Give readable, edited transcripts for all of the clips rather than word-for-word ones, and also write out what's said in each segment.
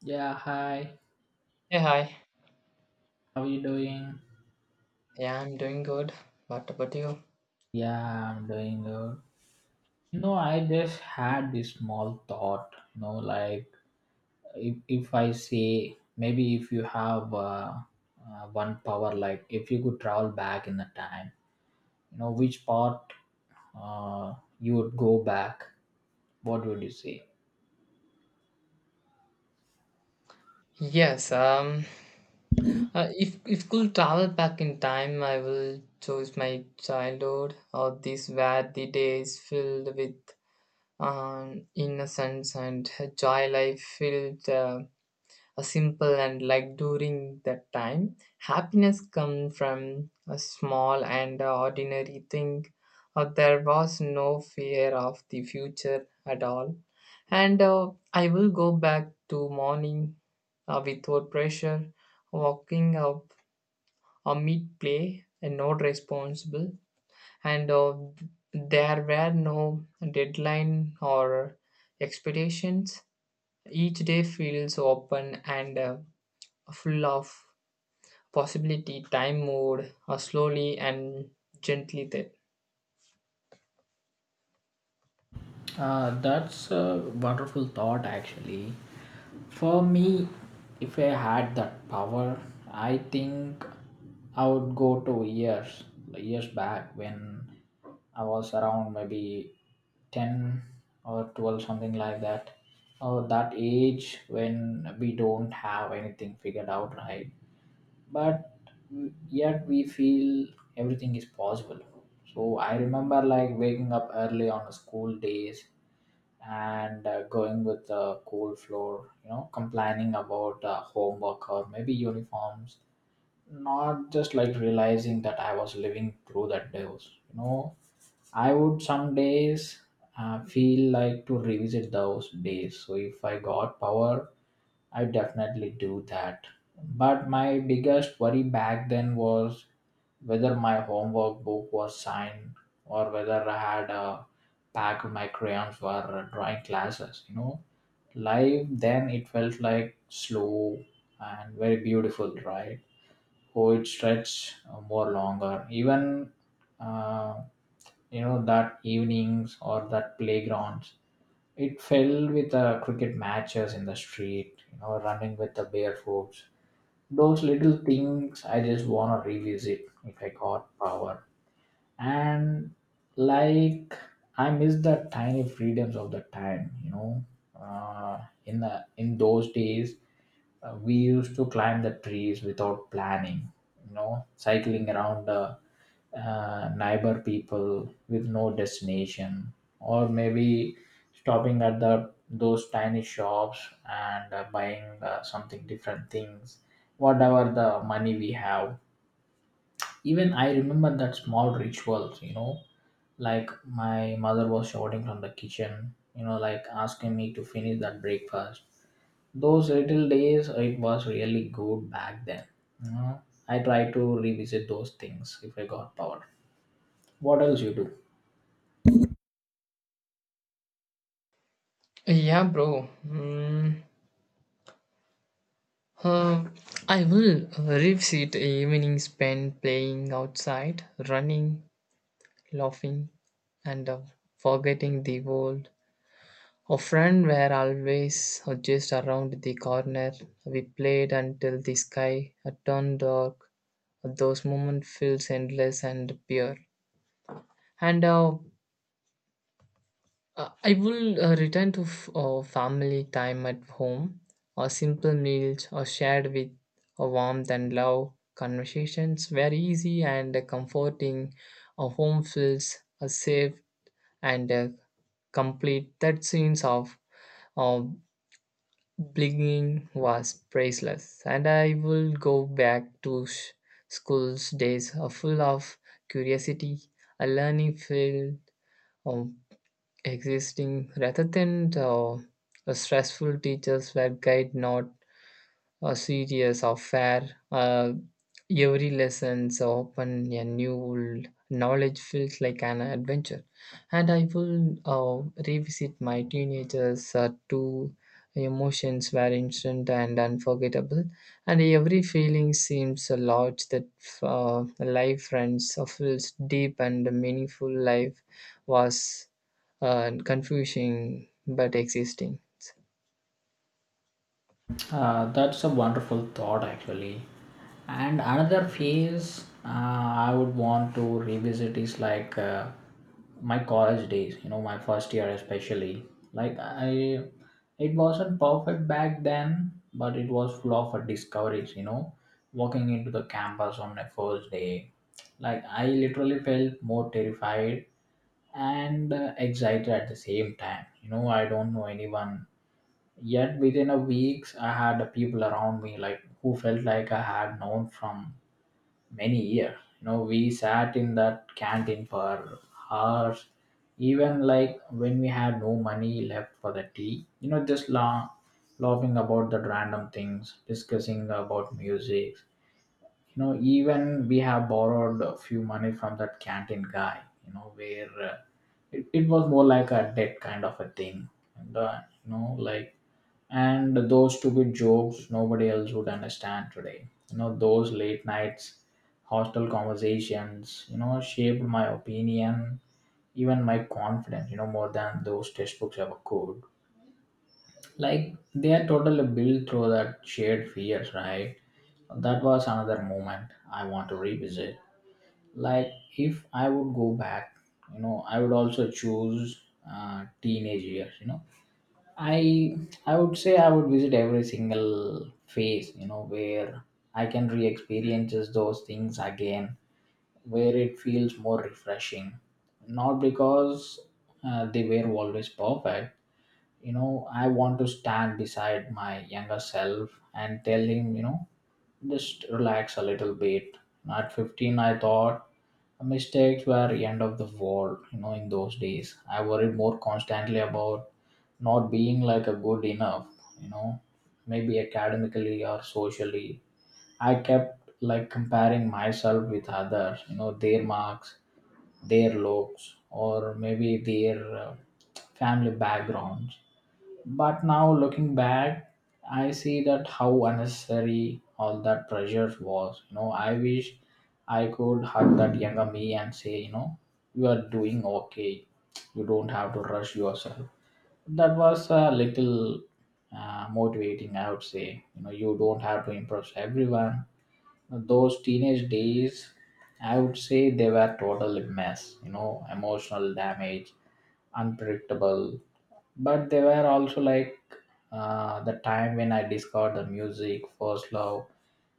Yeah, hi. Hey, hi. How are you doing? Yeah, I'm doing good. What about you? Yeah, I'm doing good. You know, I just had this small thought, you know, like if I say, maybe if you have one power, like if you could travel back in the time, you know, which part uh, you would go back, what would you say? Yes, if could travel back in time, I will choose my childhood or this where the days filled with innocence and joy. Life filled a simple and like during that time happiness come from a small and ordinary thing. There was no fear of the future at all, and I will go back to morning, without pressure, walking up a mid play and not responsible. And there were no deadline or expectations. Each day feels open and full of possibility. Time moved slowly and gently there. That's a wonderful thought, actually. For me, if I had that power, I think I would go to years, like years back when I was around maybe 10 or 12, something like that. Or that age when we don't have anything figured out, right? But yet we feel everything is possible. So I remember like waking up early on school days and going with the cold floor, you know, complaining about homework or maybe uniforms, not just like realizing that I was living through that days. You know, I would some days feel like to revisit those days. So if I got power, I definitely do that. But my biggest worry back then was whether my homework book was signed or whether I had a pack of my crayons for drawing classes. You know, life then it felt like slow and very beautiful, right? Oh, it stretched more longer. Even uh, you know that evenings or that playgrounds it fell with cricket matches in the street, you know, running with the bare hoops. Those little things I just want to revisit if I got power, and like I miss the tiny freedoms of the time, you know, uh, in those days, we used to climb the trees without planning, you know, cycling around the neighbor people with no destination, or maybe stopping at the those tiny shops and buying something different things, whatever the money we have. Even I remember that small rituals, you know, like my mother was shouting from the kitchen, you know, like asking me to finish that breakfast. Those little days it was really good back then, you know. I try to revisit those things if I got power. What else you do? Yeah, bro. Uh, I will revisit evening spent playing outside, running, laughing, and forgetting the world. Our friend were always just around the corner. We played until the sky turned dark. Those moments feels endless and pure. And I will return to family time at home, or simple meals, or shared with a warmth and love. Conversations were easy and comforting. A home feels safe and complete. That sense of uh, belonging was priceless, and I will go back to school's days, full of curiosity, a learning field. Um, Existing rather than a stressful teachers were guide not a series of fair. Every lessons open a new knowledge feels like an adventure. And I will revisit my teenagers two emotions were instant and unforgettable, and every feeling seems a lot that life friends feels deep and meaningful. Life was confusing but existing. That's a wonderful thought, actually. And another phase, I would want to revisit is like my college days. You know, my first year especially. Like, it wasn't perfect back then, but it was full of discoveries. You know, walking into the campus on my first day, like I literally felt more terrified and excited at the same time. You know, I don't know anyone. Yet within a week, I had the people around me like who felt like I had known from many years. You know, we sat in that canteen for hours, even like when we had no money left for the tea. You know, just laughing about the random things, discussing about music. You know, even we have borrowed a few money from that canteen guy. You know, where it was more like a debt kind of a thing, and you know, like, and those stupid jokes nobody else would understand today, you know, those late nights hostel conversations, you know, shaped my opinion, even my confidence, you know, more than those textbooks ever could. Like they are totally built through that shared fears, right? That was another moment I want to revisit. Like, if I would go back, you know, I would also choose teenage years, you know. I I would say I would visit every single phase, you know, where I can re-experience those things again, where it feels more refreshing. Not because they were always perfect, you know. I want to stand beside my younger self and tell him, you know, just relax a little bit. At 15, I thought mistakes were the end of the world, you know, in those days. I worried more constantly about not being like a good enough, you know, maybe academically or socially. I kept like comparing myself with others, you know, their marks, their looks, or maybe their family backgrounds. But now looking back, I see that how unnecessary all that pressure was. You know, I wish I could hug that younger me and say, you know, you are doing okay. You don't have to rush yourself. That was a little motivating, I would say. You know, you don't have to impress everyone. Those teenage days, I would say they were total mess. You know, emotional damage, unpredictable, but they were also like the time when I discovered the music, first love,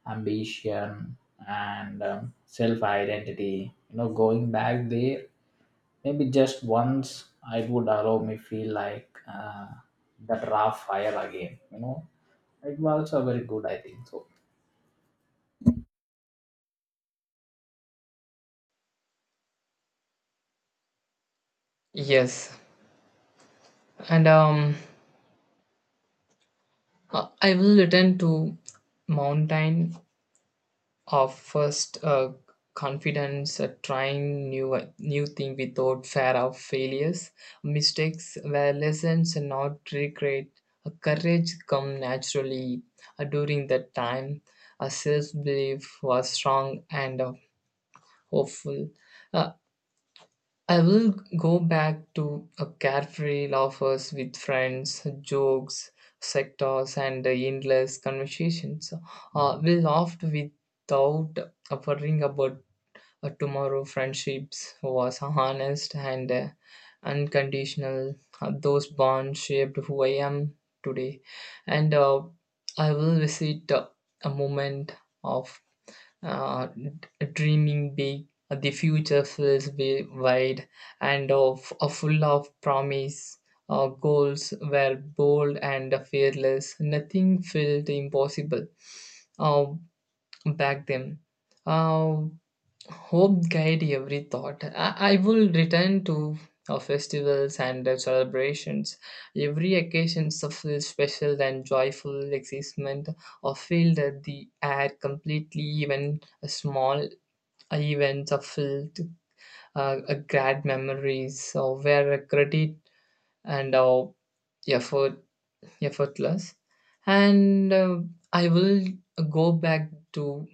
ambition, and self identity. You know, going back there, maybe just once, I would allow me feel like that raw fire again. You know, it was also very good, I think so. Yes and I will return to mountain of first confidence, trying new thing without fear of failures. Mistakes were lessons, and not regret. Courage come naturally during that time. A self belief was strong and hopeful. Uh, I will go back to a carefree laughers with friends, jokes, sectors, and endless conversations. We laughed without worrying about tomorrow. Friendships was honest and unconditional. Those bonds shaped who I am today. And I will visit a moment of dreaming big. The future feels wide and of full of promise. Our goals were bold and fearless. Nothing felt impossible uh, back then. uh, Hope guide every thought. I will return to festivals and celebrations. Every occasion suffers special and joyful excitement or feel that the air completely. Even a small events are filled a great memories or where credit and effort effortless. And I will go back to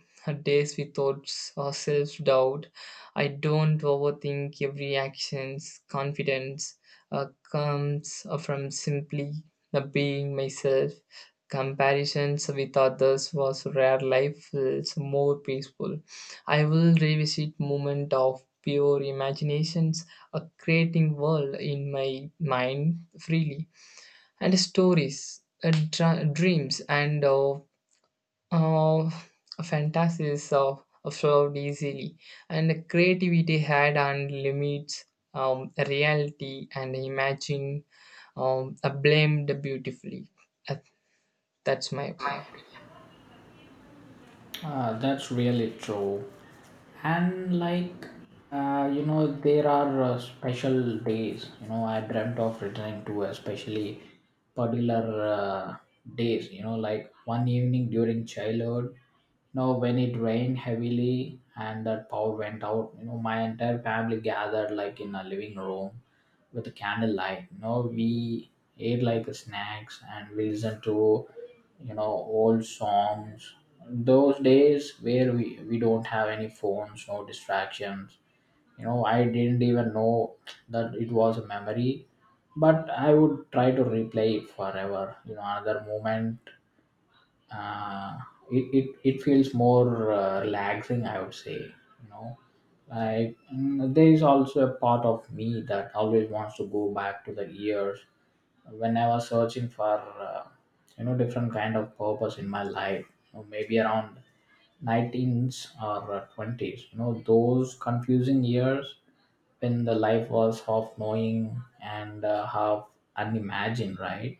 days without self doubt. I don't overthink every action's confidence comes from simply being myself. Comparisons with others was rare. Life feels more peaceful. I will revisit moment of pure imaginations, a creating world in my mind freely, and stories, dreams, and uh, fantasies flowed easily. And creativity had unlimited reality and imagine blamed beautifully. Uh, that's my opinion. Ah, that's really true. And like, you know, there are special days. You know, I dreamt of returning to especially particular days. You know, like one evening during childhood. You know, when it rained heavily and that power went out. You know, my entire family gathered like in a living room with a candlelight. You know, we ate like snacks and we listened to, you know, old songs. Those days where we don't have any phones, no distractions. You know, I didn't even know that it was a memory, but I would try to replay it forever. You know, another moment, uh, it feels more relaxing, I would say, you know. Like, there is also a part of me that always wants to go back to the years when I was searching for uh, you know, different kind of purpose in my life, you know, maybe around 19s or 20s, you know, those confusing years when the life was half knowing and half unimagined, right?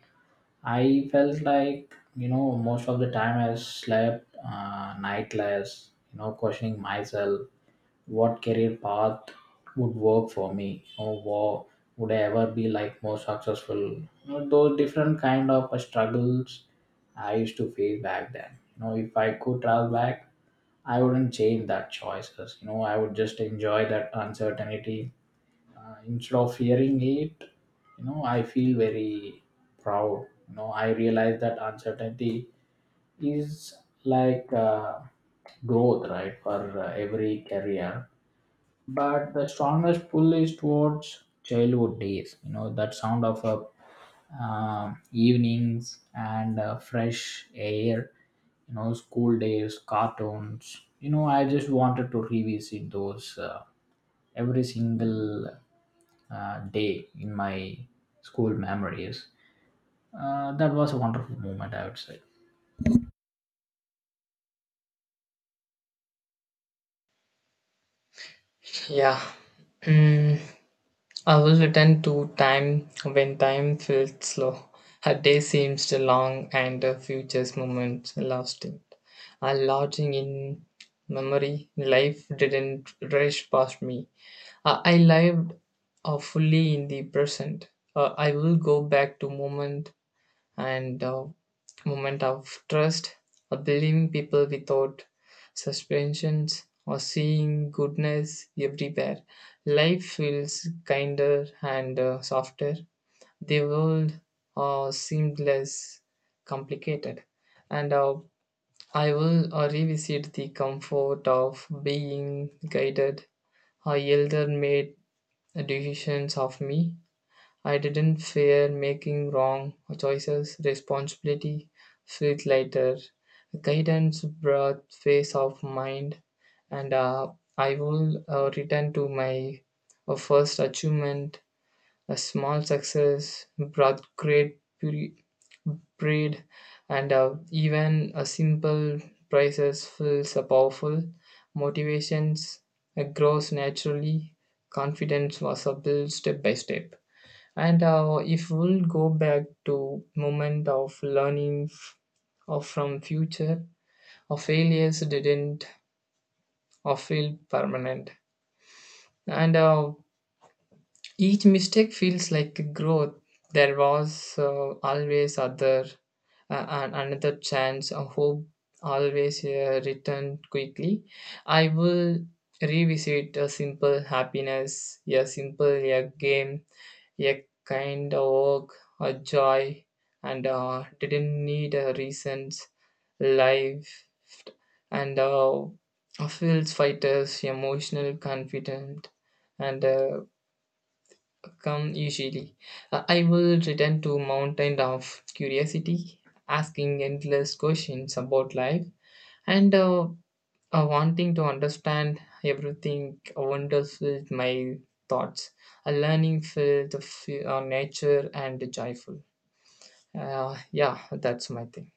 I felt like, you know, most of the time I slept nightless, you know, questioning myself what career path would work for me, you know, would I ever be like more successful? You know, those different kind of struggles I used to face back then. You know, if I could travel back, I wouldn't change that choices. You know, I would just enjoy that uncertainty instead of fearing it. You know, I feel very proud, you know. I realize that uncertainty is like growth, right, for every career. But the strongest pull is towards childhood days, you know, that sound of a evenings and fresh air, you know, school days, cartoons. You know, I just wanted to revisit those every single day in my school memories. That was a wonderful moment, I would say. Yeah. Mm. I will return to time when time felt slow. A day seemed long and a future's moment lasting. I lodging in memory, life didn't rush past me. I lived fully in the present. I will go back to and uh, moment of trust, believing people without suspensions, or seeing goodness everywhere. Life feels kinder and softer. The world seemed less complicated, and I will revisit the comfort of being guided. Our elder made decisions of me. I didn't fear making wrong choices. Responsibility felt lighter. Guidance brought peace of mind, and I will return to my first achievement. A small success brought great pride, and even a simple prizes feels a powerful. Motivations grows naturally. Confidence was built step by step, and if we'll go back to moment of learning or from future, our failures didn't or feel permanent, and each mistake feels like growth. There was always other another chance. A hope always returned quickly. I will revisit a simple happiness, a simple a game, a kind of a joy, and didn't need a reasons. Life and feels fighters emotional, confident, and come easily. I will return to mountain of curiosity, asking endless questions about life, and wanting to understand everything wonders with my thoughts, a learning filled of nature and joyful. Yeah, that's my thing.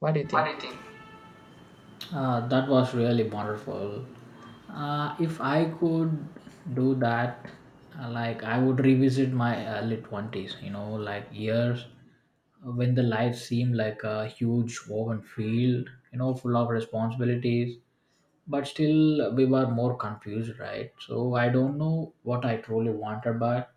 What do you What think? do you think? That was really wonderful. If I could do that, like I would revisit my early 20s, you know, like years when the life seemed like a huge woven field, you know, full of responsibilities, but still we were more confused, right? So I don't know what I truly wanted, but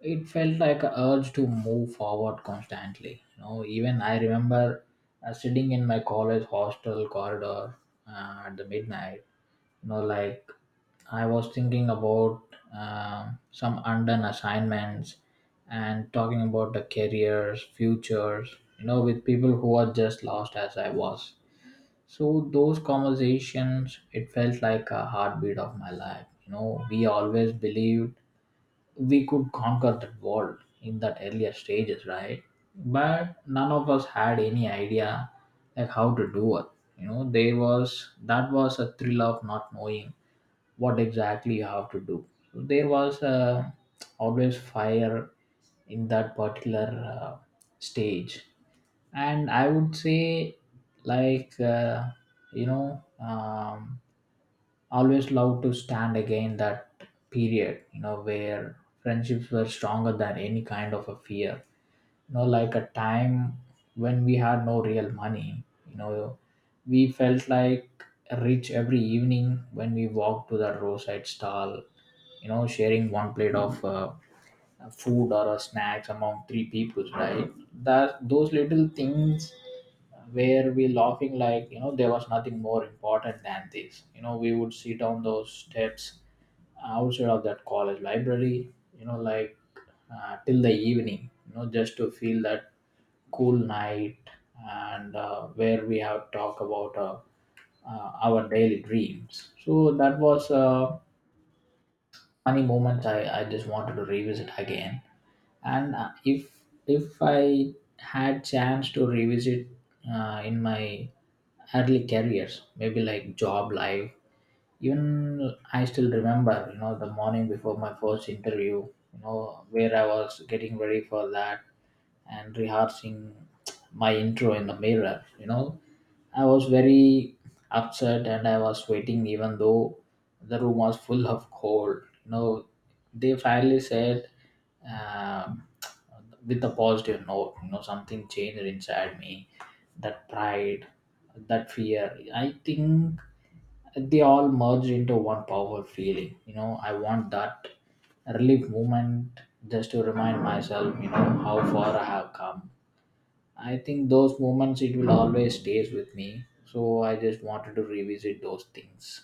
it felt like a urge to move forward constantly. You know, even I remember sitting in my college hostel corridor at the midnight, you know, like I was thinking about some undone assignments and talking about the careers futures, you know, with people who are just lost as I was. So those conversations it felt like a heartbeat of my life, you know. We always believed we could conquer that world in that earlier stages, right? But none of us had any idea like how to do it. You know, there was that was a thrill of not knowing what exactly you have to do. So there was always fire in that particular stage. And I would say, like, you know, always love to stand again that period, you know, where friendships were stronger than any kind of a fear. You know, like a time when we had no real money, you know, we felt like rich every evening when we walked to the roadside stall, you know, sharing one plate of food or a snacks among three people, right? That those little things where we laughing, like, you know, there was nothing more important than this. You know, we would sit on those steps outside of that college library, you know, like till the evening, you know, just to feel that cool night, and where we have talk about our daily dreams. So that was funny moment I just wanted to revisit again. And if if I had chance to revisit in my early careers, maybe like job life. Even I still remember, you know, the morning before my first interview, you know, where I was getting ready for that and rehearsing my intro in the mirror, you know. I was very upset and I was sweating even though the room was full of cold, you know. They finally said, um, with a positive note, you know, something changed inside me. That pride, that fear, I think they all merged into one powerful feeling. You know, I want that relief movement just to remind myself, you know, how far I have come. I think those moments, it will always stays with me, so I just wanted to revisit those things.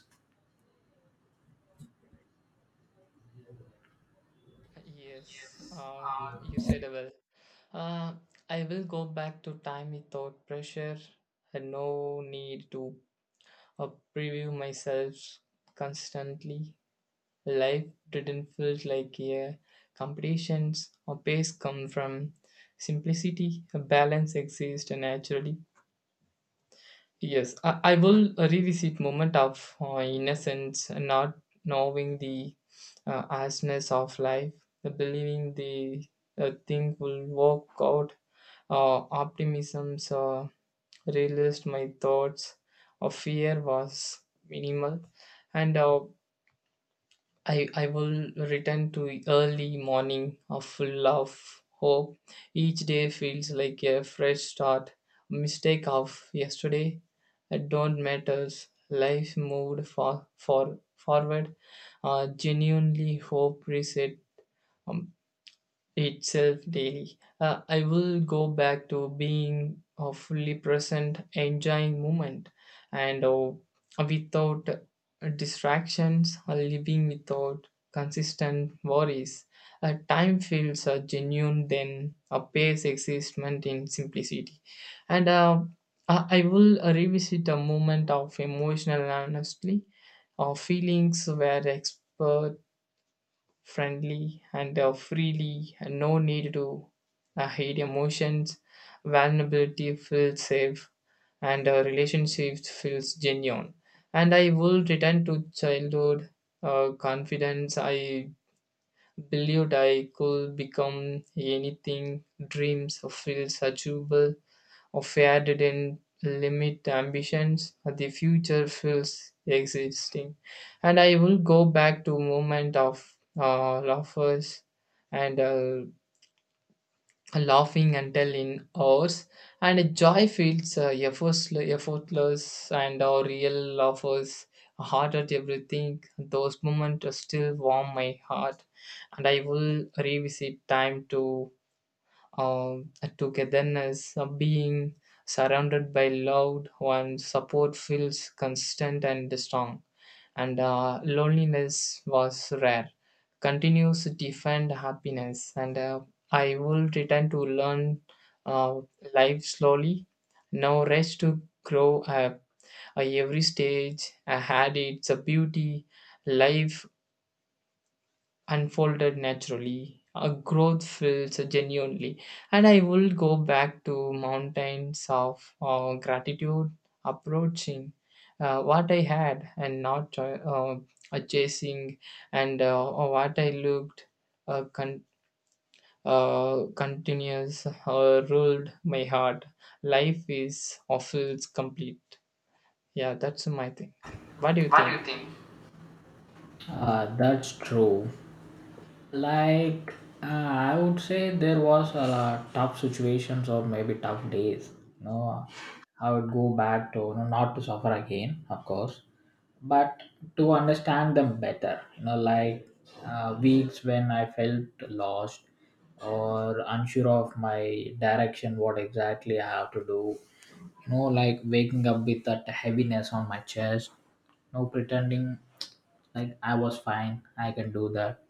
Yes. You said well. uh, I will go back to time without pressure and no need to uh, preview myself constantly. Life didn't feel like a competitions. Or pace come from simplicity, a balance exists naturally. Yes, I will revisit moment of innocence, not knowing the harshness of life, the believing the thing will work out. Optimism realized my thoughts of fear was minimal, and I will return to early morning of full of hope. Each day feels like a fresh start. Mistake of yesterday don't matters. Life moved for forward. Genuinely hope reset. Um, itself daily. I will go back to being fully present, enjoying moment, and without distractions, living without consistent worries. Time feels genuine, then a pace existment in simplicity. And I will revisit a moment of emotional honesty, or feelings where expert friendly and freely, and no need to hide emotions. Vulnerability feels safe and relationships feels genuine, and I will return to childhood confidence. I believed I could become anything. Dreams or feels achievable of air didn't limit ambitions. The future feels existing. And I will go back to moment of laughers and laughing until in hours. And joy feels effortless, and our real laughers hard at everything. Those moments still warm my heart. And I will revisit time to um, togetherness, being surrounded by loved ones. Support feels constant and strong. And loneliness was rare. Continues to defend happiness. And I will return to learn uh, life slowly. No rush to grow up. Every stage I had its a beauty. Life unfolded naturally. A growth feels genuinely, and I will go back to mountains of gratitude, approaching what I had and not cho- chasing, and what I looked, uh, con- continuous ruled my heart. Life is or feels complete. Yeah, that's my thing. What do you think? That's true. Like, I would say there was a lot tough situations or maybe tough days, you know. I would go back to, you know, not to suffer again, of course, but to understand them better, you know. Like weeks when I felt lost or unsure of my direction, what exactly I have to do, you know. Like waking up with that heaviness on my chest, you know, pretending like I was fine, I can do that.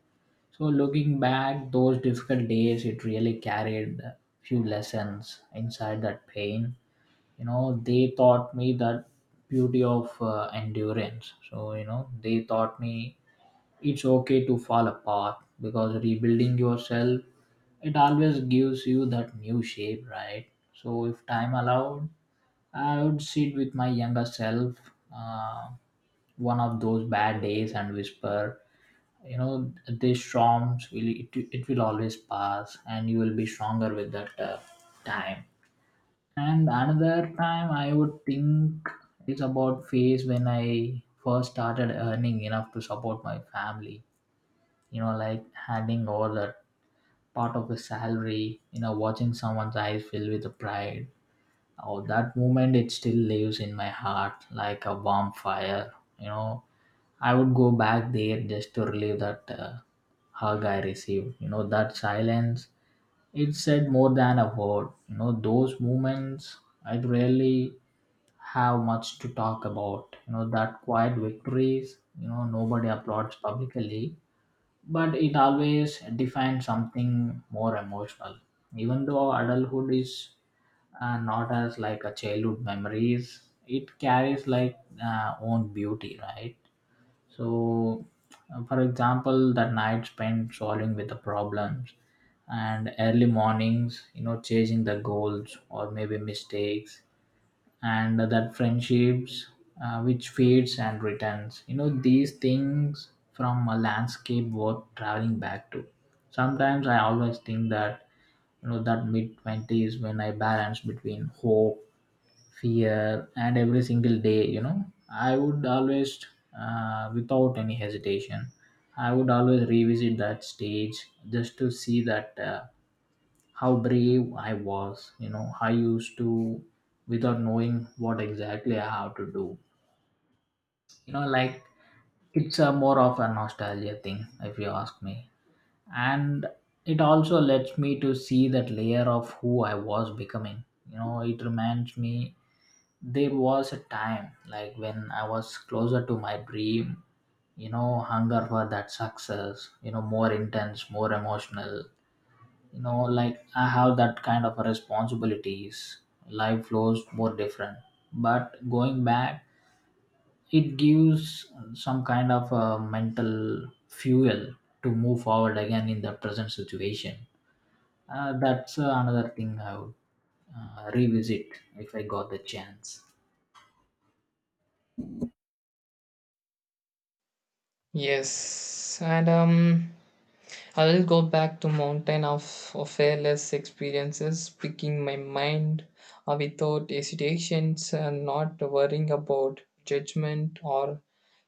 So looking back, those difficult days, it really carried few lessons inside that pain. You know, they taught me that beauty of endurance. So you know, they taught me it's okay to fall apart, because rebuilding yourself, it always gives you that new shape, right? So if time allowed, I would sit with my younger self, uh, one of those bad days, and whisper, you know, these storms it will always pass, and you will be stronger with that time. And another time I would think is about phase when I first started earning enough to support my family. You know, like handing over that part of the salary, you know, watching someone's eyes fill with the pride. Oh, that moment, it still lives in my heart like a warm fire. You know, I would go back there just to relive that hug I received. You know, that silence, it said more than a word. You know, those moments, I'd really have much to talk about. You know, that quiet victories, you know, nobody applauds publicly, but it always defines something more emotional. Even though adulthood is not as like a childhood memories, it carries like own beauty, right? So, for example, that night spent solving with the problems, and early mornings, you know, chasing the goals or maybe mistakes, and that friendships which fades and returns. You know, these things from a landscape worth traveling back to. Sometimes I always think that, you know, that mid twenties when I balance between hope, fear and every single day, you know, I would always, without any hesitation, I would always revisit that stage just to see that, how brave I was. You know, I used to, without knowing what exactly I have to do, you know, like, it's a more of a nostalgia thing, if you ask me. And it also lets me to see that layer of who I was becoming. You know, it reminds me there was a time like when I was closer to my dream, you know, hunger for that success, you know, more intense, more emotional. You know, like I have that kind of responsibilities, life flows more different. But going back, it gives some kind of a mental fuel to move forward again in the present situation. That's another thing I would revisit if I got the chance. Yes and I'll go back to mountain of fearless experiences, picking my mind without hesitations and not worrying about judgment or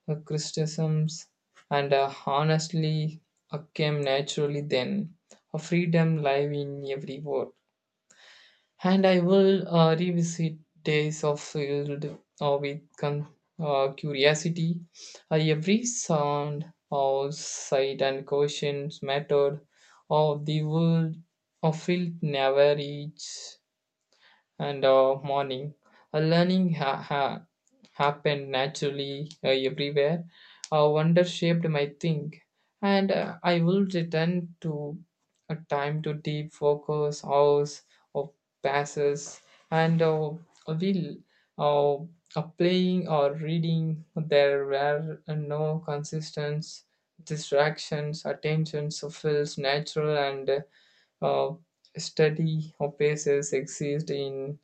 criticisms. And honestly, came naturally then. A freedom live in every word. And I will revisit days of filled uh, with con- curiosity. Every sound, or sight, and questions mattered, or the world of field never reached and morning. Learning happened naturally everywhere. Wonder shaped my think, and I will return to a time to deep focus, hours of passes, and will playing or reading. There were no consistent distractions. Attention so feels natural, and uh, study of bases exist in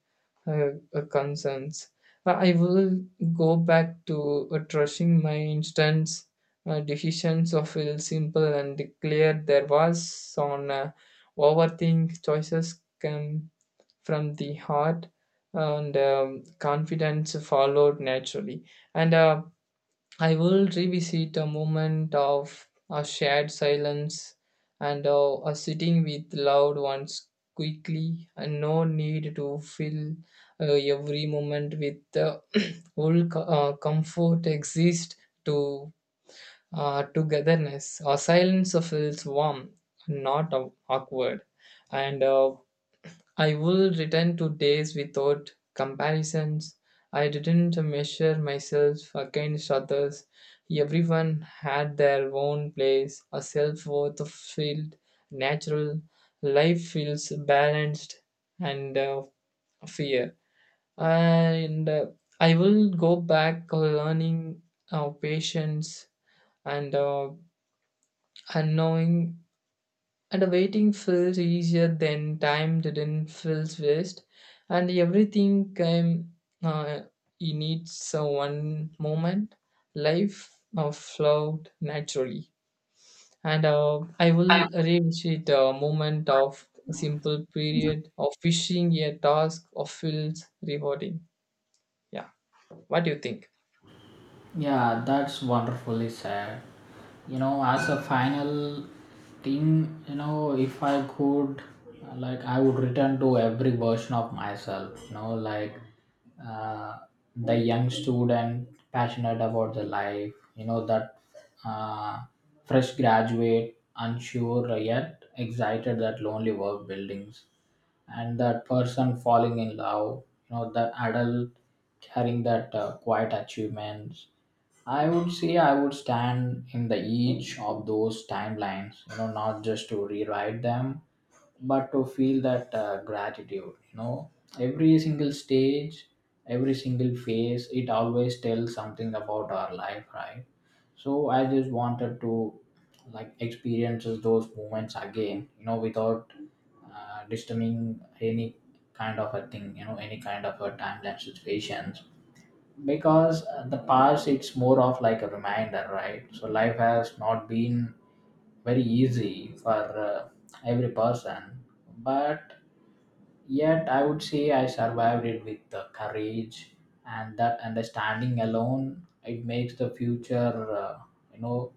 uh, concerns. I will go back to trusting my instance. Decisions of will simple and clear. There was on overthink. Choices come from the heart, and confidence followed naturally. And I will revisit a moment of a shared silence and a sitting with loved ones quickly, and no need to fill every moment with the whole comfort exist to togetherness. A silence feels warm, not awkward, and I will return to days without comparisons. I didn't measure myself against others. Everyone had their own place. A self worth felt natural. Life feels balanced and fair. And I will go back learning patience and unknowing, and waiting feels easier than time didn't feels waste. And everything came, uh, you need so one moment. Life flowed naturally. And I will revisit a moment of simple period of fishing a task of feels rewarding. Yeah. What do you think? Yeah, that's wonderfully said. You know, as a final thing, you know, if I could, like, I would return to every version of myself, you know, like, uh, the young student passionate about the life, you know, that uh, fresh graduate, unsure yet excited, that lonely work buildings, and that person falling in love, you know, that adult carrying that quiet achievements. I would say I would stand in the each of those timelines, you know, not just to rewrite them, but to feel that gratitude. You know, every single stage, every single phase, it always tells something about our life, right? So I just wanted to, like, experiences those moments again, you know, without disturbing any kind of a thing, you know, any kind of a timeline situations, because the past, it's more of like a reminder, right? So life has not been very easy for every person, but yet I would say I survived it with the courage, and that understanding alone, it makes the future, you know,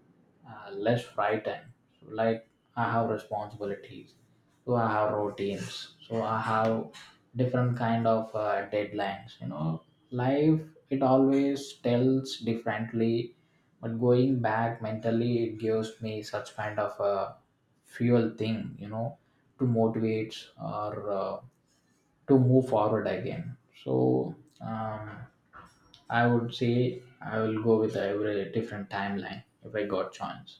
less frightened. So, like, I have responsibilities, so I have routines, so I have different kind of deadlines. You know, life, it always tells differently, but going back mentally, it gives me such kind of a fuel thing. You know, to motivate or. To move forward again. So, um, I would say I will go with every different timeline if I got chance.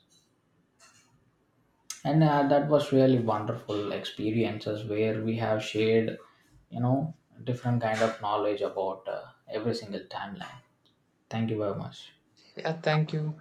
And that was really wonderful experiences where we have shared, you know, different kind of knowledge about every single timeline. Thank you very much. Yeah, thank you.